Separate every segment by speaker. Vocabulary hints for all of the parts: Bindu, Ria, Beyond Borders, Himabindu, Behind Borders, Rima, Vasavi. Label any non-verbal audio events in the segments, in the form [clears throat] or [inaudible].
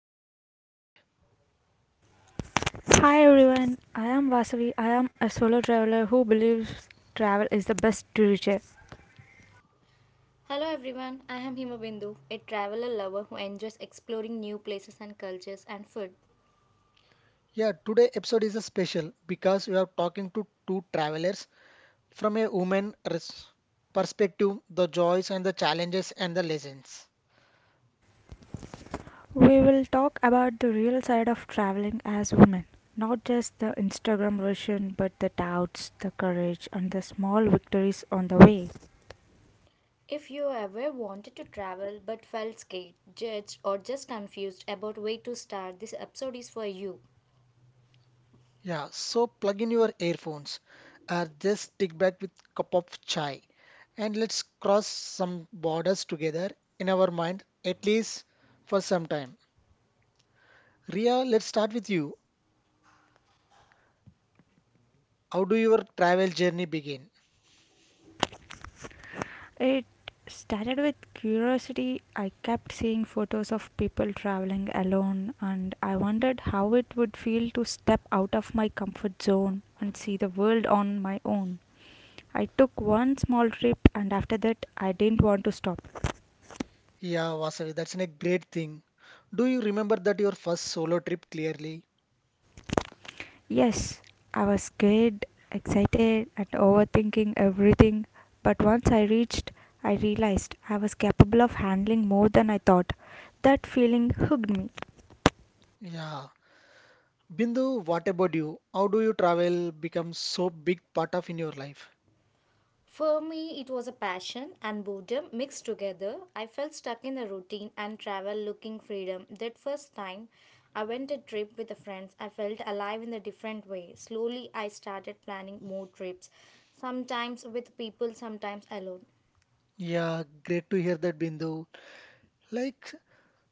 Speaker 1: host for today.
Speaker 2: Hi everyone, I am Vasavi. I am a solo traveler who believes travel is the best teacher.
Speaker 3: Hello everyone, I am Himabindu, a traveler lover who enjoys exploring new places and cultures and food.
Speaker 1: Yeah, today episode is a special because we are talking to two travelers from a woman perspective, the joys and the challenges and the lessons.
Speaker 2: We will talk about the real side of traveling as women, not just the Instagram version, but the doubts, the courage, and the small victories on the way.
Speaker 3: If you ever wanted to travel but felt scared, judged, or just confused about where to start, this episode is for you.
Speaker 1: Yeah, so plug in your earphones or just stick back with cup of chai and let's cross some borders together in our mind at least for some time. Ria, let's start with you. How do your travel journey begin?
Speaker 2: It started with curiosity. I kept seeing photos of people traveling alone, and I wondered how it would feel to step out of my comfort zone and see the world on my own. I took one small trip and after that I didn't want to stop.
Speaker 1: Yeah, Vasavi, that's a great thing. Do you remember that your first solo trip clearly?
Speaker 2: Yes, I was scared, excited, and overthinking everything. But once I reached, I realized I was capable of handling more than I thought. That feeling hooked me.
Speaker 1: Yeah. Bindu, what about you? How do you travel become so big part of in your life?
Speaker 3: For me, it was a passion and boredom mixed together. I felt stuck in the routine and travel looking freedom. That first time I went a trip with the friends, I felt alive in a different way. Slowly, I started planning more trips sometimes with people, sometimes alone.
Speaker 1: Yeah, great to hear that, Bindu. Like,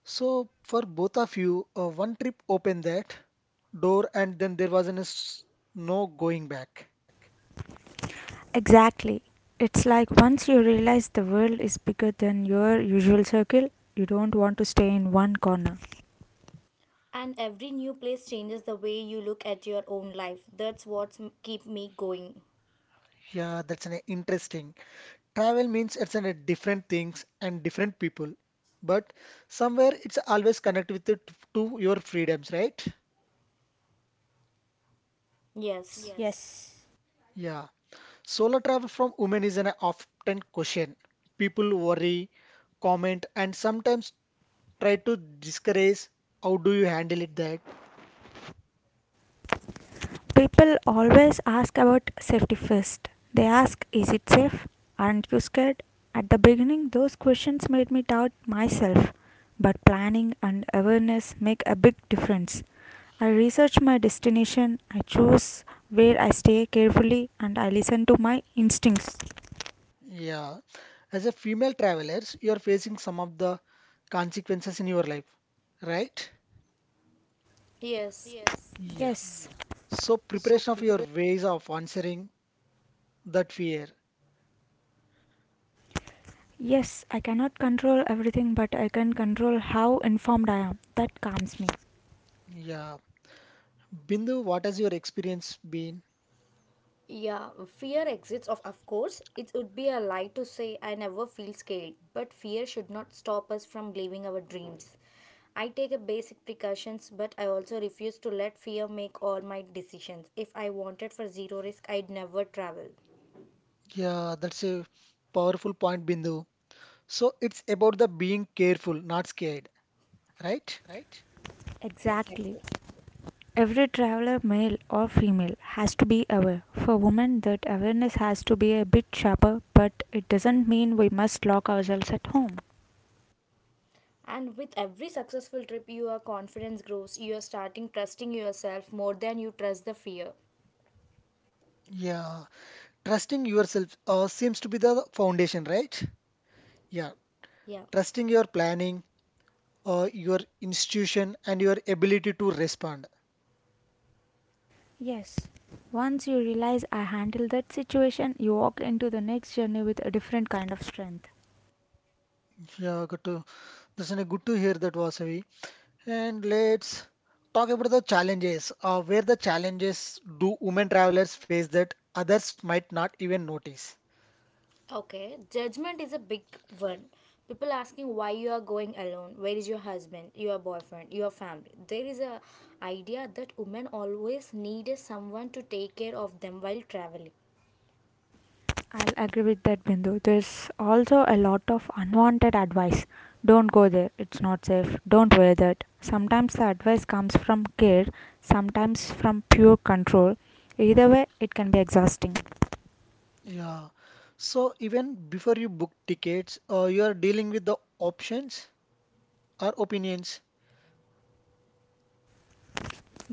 Speaker 1: so for both of you, one trip opened that door and then there was no going back.
Speaker 2: Exactly. It's like once you realize the world is bigger than your usual circle, you don't want to stay in one corner.
Speaker 3: And every new place changes the way you look at your own life. That's what keep me going.
Speaker 1: Yeah, that's an interesting. Travel means it's a different things and different people, but somewhere it's always connected with it to your freedoms, right?
Speaker 3: Yes,
Speaker 1: Yeah. Solo travel from women is an often question. People worry, comment, and sometimes try to discourage. How do you handle it that?
Speaker 2: People always ask about safety first. They ask, is it safe? Aren't you scared? At the beginning, those questions made me doubt myself, but planning and awareness make a big difference. I research my destination, I choose where I stay carefully, and I listen to my instincts.
Speaker 1: Yeah. As a female travelers, you're facing some of the consequences in your life, right?
Speaker 3: yes.
Speaker 1: Yeah.
Speaker 2: Yes,
Speaker 1: So preparation of your ways of answering that fear.
Speaker 2: yes, I cannot control everything, but I can control how informed I am. That calms me.
Speaker 1: Yeah. Bindu, what has your experience been?
Speaker 3: Yeah, fear exists of course. It would be a lie to say I never feel scared, but fear should not stop us from living our dreams. I take a basic precautions, but I also refuse to let fear make all my decisions. If I wanted for zero risk, I'd never travel.
Speaker 1: Yeah, that's a powerful point, Bindu. So it's about the being careful, not scared, right?
Speaker 2: Exactly.
Speaker 3: Exactly.
Speaker 2: Every traveler, male or female, has to be aware. For women, that awareness has to be a bit sharper, but it doesn't mean we must lock ourselves at home.
Speaker 3: And with every successful trip, your confidence grows. You are starting trusting yourself more than you trust the fear.
Speaker 1: Yeah. Trusting yourself seems to be the foundation, right? Yeah.
Speaker 3: Yeah.
Speaker 1: Trusting your planning, your institution, and your ability to respond.
Speaker 2: Yes. Once you realize I handle that situation, you walk into the next journey with a different kind of strength.
Speaker 1: Yeah, good to listen. Good to hear that, Vasavi. And let's talk about the challenges. Where the challenges do women travelers face that others might not even notice?
Speaker 3: Okay. Judgment is a big one. People asking why you are going alone. Where is your husband, your boyfriend, your family? There is a idea that women always needed someone to take care of them while traveling.
Speaker 2: I'll agree with that, Bindu. There's also a lot of unwanted advice. Don't go there, it's not safe. Don't wear that. Sometimes the advice comes from care, sometimes from pure control. Either way, it can be exhausting.
Speaker 1: Yeah. So even before you book tickets, you are dealing with the options or opinions.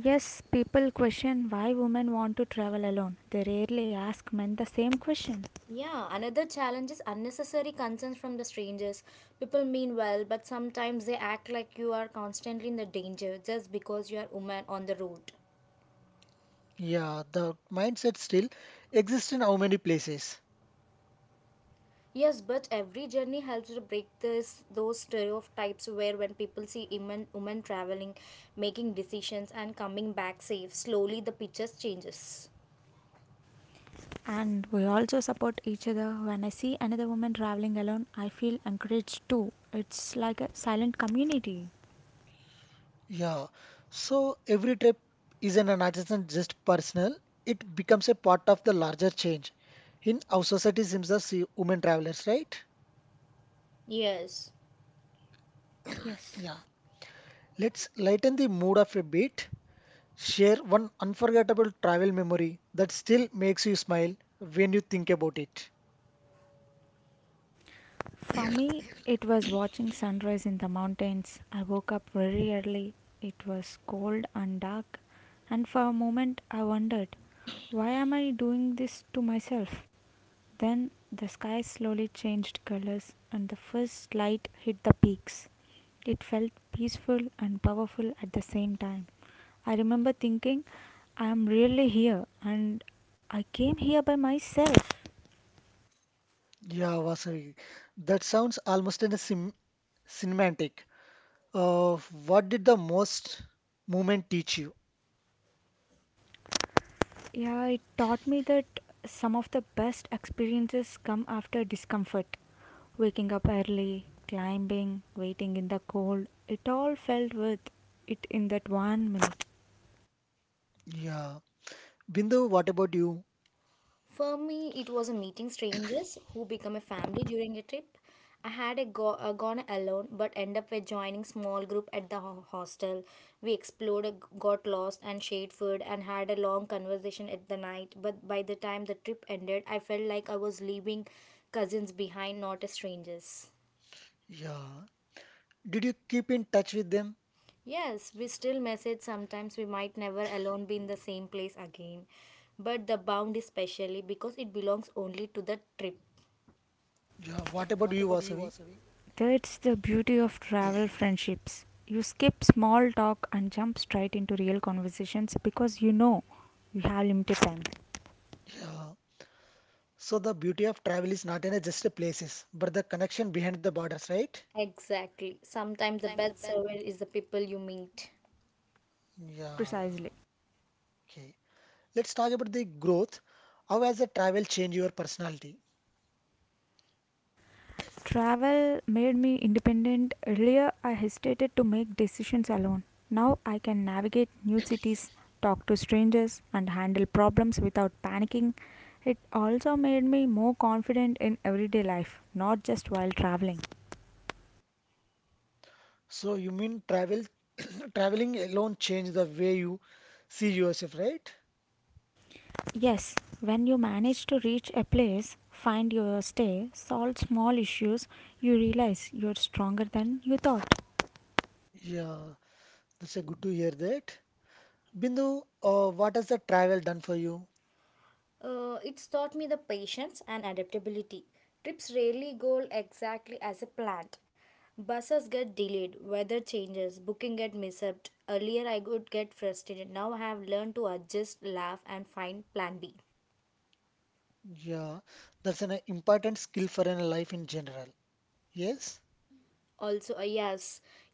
Speaker 2: Yes, people question why women want to travel alone. They rarely ask men the same question.
Speaker 3: Yeah, another challenge is unnecessary concerns from the strangers. People mean well, but sometimes they act like you are constantly in the danger just because you are woman on the road.
Speaker 1: Yeah, the mindset still exists in how many places.
Speaker 3: Yes, but every journey helps to break this those stereotypes where when people see women traveling, making decisions and coming back safe, slowly the picture changes.
Speaker 2: And we also support each other. When I see another woman traveling alone, I feel encouraged too. It's like a silent community.
Speaker 1: Yeah. So every trip isn't an adjustment just personal. It becomes a part of the larger change in our society seems as women travelers, right?
Speaker 3: Yes.
Speaker 2: Yes.
Speaker 1: Yeah. Let's lighten the mood of a bit. Share one unforgettable travel memory that still makes you smile when you think about it.
Speaker 2: For me, it was watching sunrise in the mountains. I woke up very early. It was cold and dark. And for a moment, I wondered, why am I doing this to myself? Then the sky slowly changed colors and the first light hit the peaks. It felt peaceful and powerful at the same time. I remember thinking, I am really here and I came here by myself.
Speaker 1: Yeah, Vasavi. That sounds almost in a sim cinematic. Uh, what did the most moment teach you?
Speaker 2: Yeah, it taught me that some of the best experiences come after discomfort. Waking up early, climbing, waiting in the cold, it all felt worth it in that 1 minute.
Speaker 1: Yeah. Bindu, what about you?
Speaker 3: For me, it was a meeting strangers who become a family during a trip. I had gone alone, but end up with joining small group at the hostel. We explored, got lost, and shared food, and had a long conversation at the night. But by the time the trip ended, I felt like I was leaving cousins behind, not as strangers.
Speaker 1: Yeah. Did you keep in touch with them?
Speaker 3: Yes, we still message sometimes. We might never alone be in the same place again, but the bound is specially because it belongs only to the trip.
Speaker 1: Yeah, what about you, Vasavi?
Speaker 2: That's the beauty of travel friendships. You skip small talk and jump straight into real conversations because you know you have limited time.
Speaker 1: Yeah. So the beauty of travel is not in the just the places, but the connection behind the borders, right?
Speaker 3: Exactly. Sometimes the best server is the people you meet.
Speaker 1: Yeah.
Speaker 2: Precisely.
Speaker 1: Okay. Let's talk about the growth. How has the travel changed your personality?
Speaker 2: Travel made me independent. Earlier, I hesitated to make decisions alone. Now, I can navigate new cities, talk to strangers, and handle problems without panicking. It also made me more confident in everyday life, not just while traveling.
Speaker 1: So you mean [coughs] [clears throat] traveling alone changed the way you see yourself, right?
Speaker 2: Yes, when you manage to reach a place, find your stay, solve small issues, you realize you're stronger than you thought.
Speaker 1: Yeah. That's a good to hear that. Bindu, what has the travel done for you?
Speaker 3: It's taught me the patience and adaptability. Trips rarely go exactly as a planned. Buses get delayed, weather changes, booking get mishaped. Earlier I would get frustrated. Now I have learned to adjust, laugh and find plan B.
Speaker 1: Yeah. That's an important skill for a life in general. Yes.
Speaker 3: Also,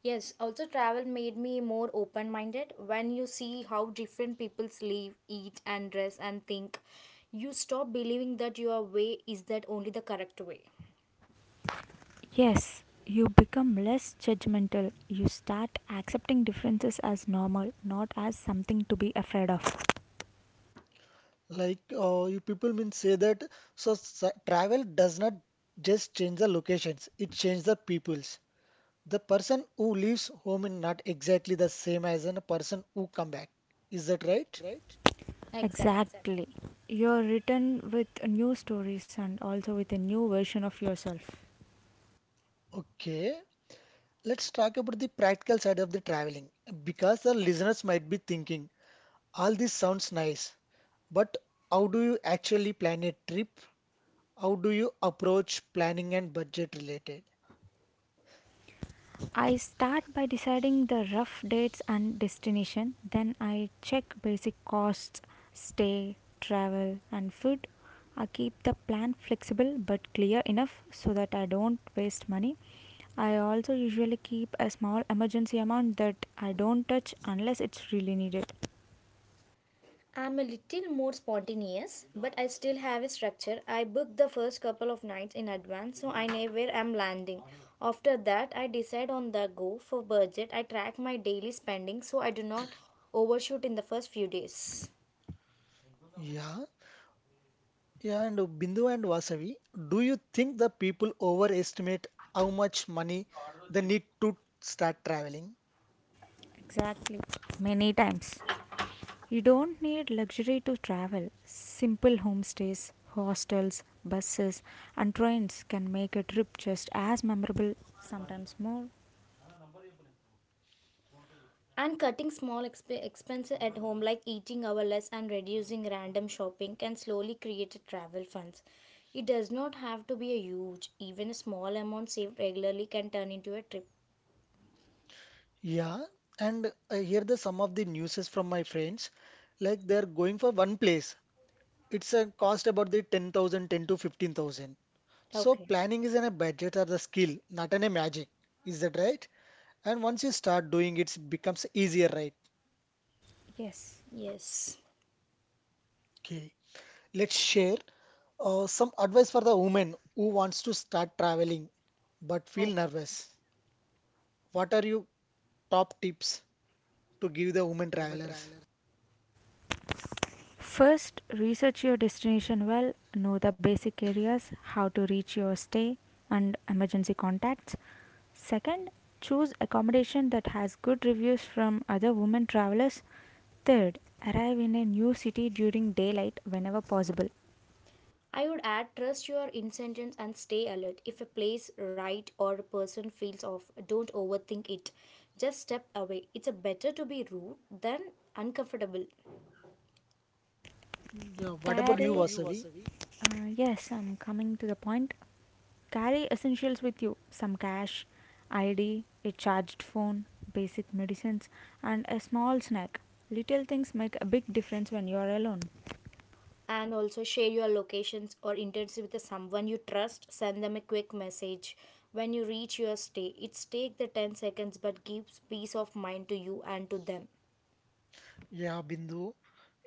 Speaker 3: yes. Also, travel made me more open minded. When you see how different people live, eat, and dress, and think, you stop believing that your way is that only the correct way.
Speaker 2: Yes, you become less judgmental. You start accepting differences as normal, not as something to be afraid of.
Speaker 1: Like, you people mean say that so travel does not just change the locations, it changes the peoples. The person who leaves home is not exactly the same as a person who come back. Is that right?
Speaker 3: Exactly.
Speaker 2: Exactly. You're written with new stories and also with a new version of yourself.
Speaker 1: Okay, let's talk about the practical side of the traveling because the listeners might be thinking all this sounds nice, but how do you actually plan a trip? How do you approach planning and budget related?
Speaker 2: I start by deciding the rough dates and destination. Then I check basic costs, stay, travel, and food. I keep the plan flexible but clear enough so that I don't waste money. I also usually keep a small emergency amount that I don't touch unless it's really needed.
Speaker 3: I'm a little more spontaneous, but I still have a structure. I book the first couple of nights in advance, so I know where I'm landing. After that, I decide on the go for budget. I track my daily spending so I do not overshoot in the first few days.
Speaker 1: Yeah. Yeah, and Bindu and Vasavi, do you think the people overestimate how much money they need to start traveling?
Speaker 2: Exactly. Many times. You don't need luxury to travel. Simple homestays, hostels, buses, and trains can make a trip just as memorable, sometimes more.
Speaker 3: And cutting small expenses at home, like eating our less and reducing random shopping, can slowly create a travel funds. It does not have to be a huge, even a small amount saved regularly can turn into a trip.
Speaker 1: Yeah, and I hear the some of the newses from my friends, like they're going for one place. It's a cost about the 10,000, 10 to 15,000. So
Speaker 3: Okay.
Speaker 1: planning is in a budget or the skill, not in a magic. Is that right? And once you start doing it, it becomes easier, right?
Speaker 2: Yes.
Speaker 3: Yes.
Speaker 1: Okay, let's share. Some advice for the woman who wants to start traveling but feel
Speaker 3: Okay.
Speaker 1: nervous. What are your top tips to give the women travelers?
Speaker 2: First, research your destination well, know the basic areas, how to reach your stay, and emergency contacts. Second, choose accommodation that has good reviews from other women travelers. Third, arrive in a new city during daylight whenever possible.
Speaker 3: I would add trust your incentives and stay alert. If a place, right, or a person feels off, don't overthink it. Just step away. It's a better to be rude than uncomfortable.
Speaker 1: Yeah, what about
Speaker 2: What
Speaker 1: you,
Speaker 2: Carry,
Speaker 1: Vasavi?
Speaker 2: yes, I'm coming to the point. Carry essentials with you some cash, ID, a charged phone, basic medicines, and a small snack. Little things make a big difference when you are alone.
Speaker 3: And also share your locations or intents with someone you trust, send them a quick message when you reach your stay. It's take the 10 seconds but gives peace of mind to you and to them.
Speaker 1: Yeah, Bindu.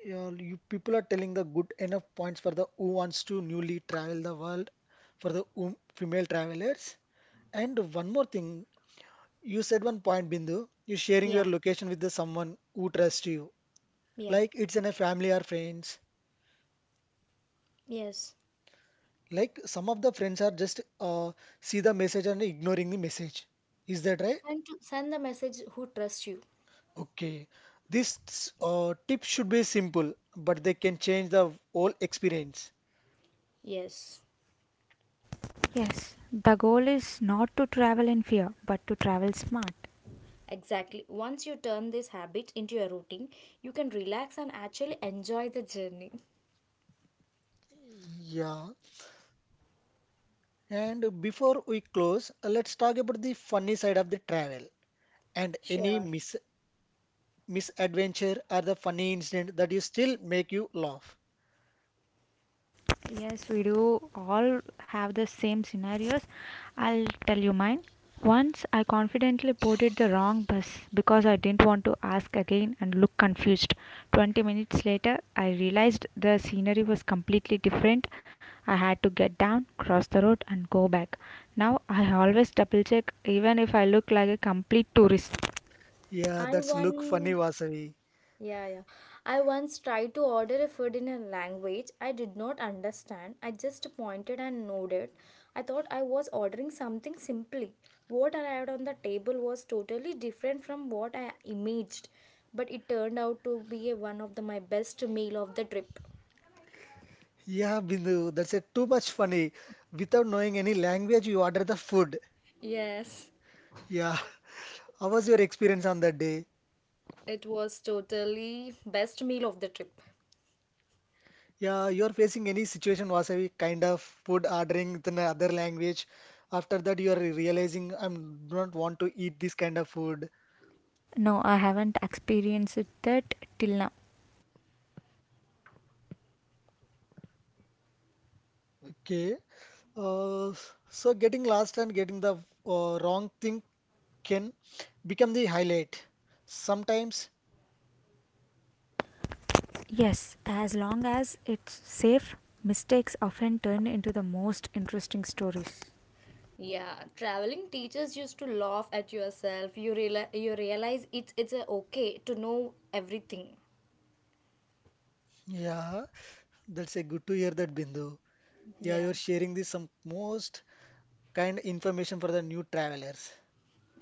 Speaker 1: Yeah, you people are telling the good enough points for the who wants to newly travel the world for the female travelers. And one more thing, you said one point, Bindu. You sharing your
Speaker 3: Yeah,
Speaker 1: location with the someone who trusts you,
Speaker 3: yeah.
Speaker 1: like it's in a family or friends.
Speaker 3: Yes.
Speaker 1: Like some of the friends are just see the message and ignoring the message. Is that right?
Speaker 3: Send to send the message who trusts you.
Speaker 1: Okay. This tip should be simple, but they can change the whole experience.
Speaker 3: Yes,
Speaker 2: Yes, the goal is not to travel in fear but to travel smart.
Speaker 3: exactly. Once you turn this habit into your routine you can relax and actually enjoy the journey.
Speaker 1: Yeah. And before we close, let's talk about the funny side of the travel and
Speaker 3: Sure,
Speaker 1: any misadventure or the funny incident that you still make you laugh.
Speaker 2: Yes, we do all have the same scenarios. I'll tell you mine. Once I confidently boarded the wrong bus because I didn't want to ask again and look confused. 20 minutes later, I realized the scenery was completely different. I had to get down, cross the road, and go back. Now I always double check even if I look like a complete tourist.
Speaker 1: Yeah,
Speaker 3: I
Speaker 1: that's
Speaker 3: want.
Speaker 1: look funny, Vasavi.
Speaker 3: Yeah, yeah. I once tried to order a food in a language I did not understand. I just pointed and nodded. I thought I was ordering something simply. What arrived on the table was totally different from what I imaged, but it turned out to be one of my best meal of the trip.
Speaker 1: Yeah, Bindu, that's a too much funny. Without knowing any language, you order the food.
Speaker 3: Yes.
Speaker 1: Yeah, how was your experience on that day?
Speaker 3: It was totally best meal of the trip.
Speaker 1: Yeah, you're facing any situation, Vasavi, kind of food ordering with another language. After that, you are realizing I don't want to eat this kind of food.
Speaker 2: No, I haven't experienced that till now.
Speaker 1: Okay. Uh, so getting lost and getting the wrong thing can become the highlight. Sometimes,
Speaker 2: Yes, as long as it's safe, mistakes often turn into the most interesting stories.
Speaker 3: Yeah, traveling teachers used to laugh at yourself. You realize it's a okay to know everything.
Speaker 1: yeah, that's a good to hear that, Bindu. Yeah,
Speaker 3: Yeah.
Speaker 1: you're sharing this some most kind information for the new travelers.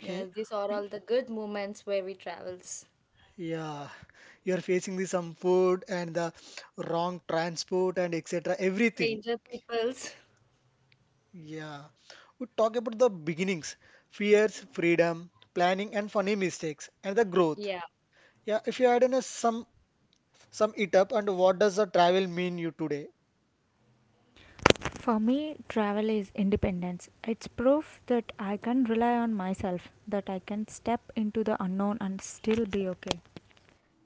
Speaker 3: Yeah, these are
Speaker 1: Y-
Speaker 3: all the good moments where we travels.
Speaker 1: Yeah, you are facing the some food and the wrong transport and etc. Everything.
Speaker 3: Stranger peoples.
Speaker 1: Yeah. We talk about the beginnings, fears, freedom, planning, and funny mistakes, and the growth.
Speaker 3: Yeah.
Speaker 1: Yeah. If you had in a some it up and what does the travel mean you today?
Speaker 2: For me, travel is independence. It's proof that I can rely on myself, that I can step into the unknown and still be okay.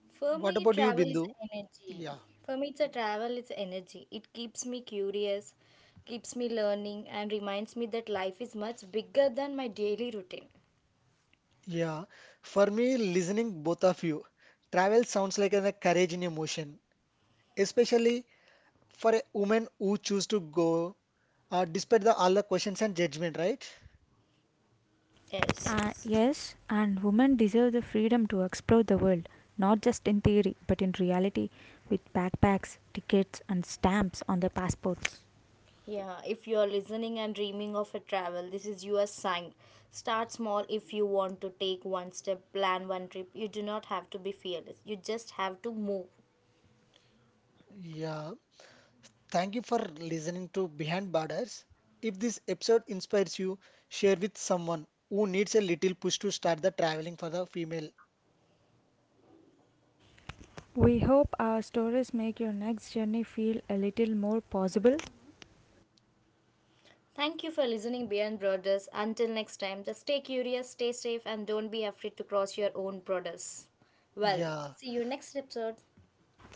Speaker 3: For
Speaker 1: What
Speaker 3: me,
Speaker 1: about you,
Speaker 3: travel is
Speaker 1: Bindu?
Speaker 3: energy.
Speaker 1: Yeah.
Speaker 3: For me, it's a travel, it's energy. It keeps me curious, keeps me learning, and reminds me that life is much bigger than my daily routine.
Speaker 1: Yeah, for me, listening both of you, travel sounds like a courage in emotion, especially for a woman who choose to go despite the all the questions and judgment, right?
Speaker 3: Yes.
Speaker 2: Yes, and women deserve the freedom to explore the world, not just in theory, but in reality, with backpacks, tickets, and stamps on their passports.
Speaker 3: Yeah. If you are listening and dreaming of a travel, this is your sign. Start small if you want to take one step, plan one trip. You do not have to be fearless. You just have to move.
Speaker 1: Yeah, thank you for listening to Behind Borders. If this episode inspires you, share with someone who needs a little push to start the traveling for the female.
Speaker 2: We hope our stories make your next journey feel a little more possible.
Speaker 3: Thank you for listening Beyond Borders. Until next time, just stay curious, stay safe, and don't be afraid to cross your own borders. Well,
Speaker 1: Yeah.
Speaker 3: see you next episode.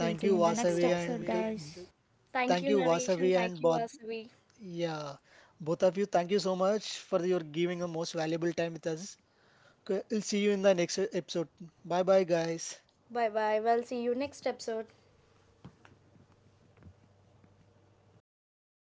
Speaker 2: We'll see you
Speaker 1: you,
Speaker 2: in the next
Speaker 1: Vasavi,
Speaker 2: episode,
Speaker 1: and
Speaker 2: guys.
Speaker 3: Thank
Speaker 1: thank
Speaker 3: you,
Speaker 1: you,
Speaker 3: narration.
Speaker 1: Vasavi,
Speaker 3: Thank
Speaker 1: and
Speaker 3: you,
Speaker 1: both.
Speaker 3: Asavi.
Speaker 1: Yeah. Both of you, thank you so much for your giving a most valuable time with us. Okay, we'll see you in the next episode. Bye bye, guys.
Speaker 3: Bye bye. Well, see you next episode.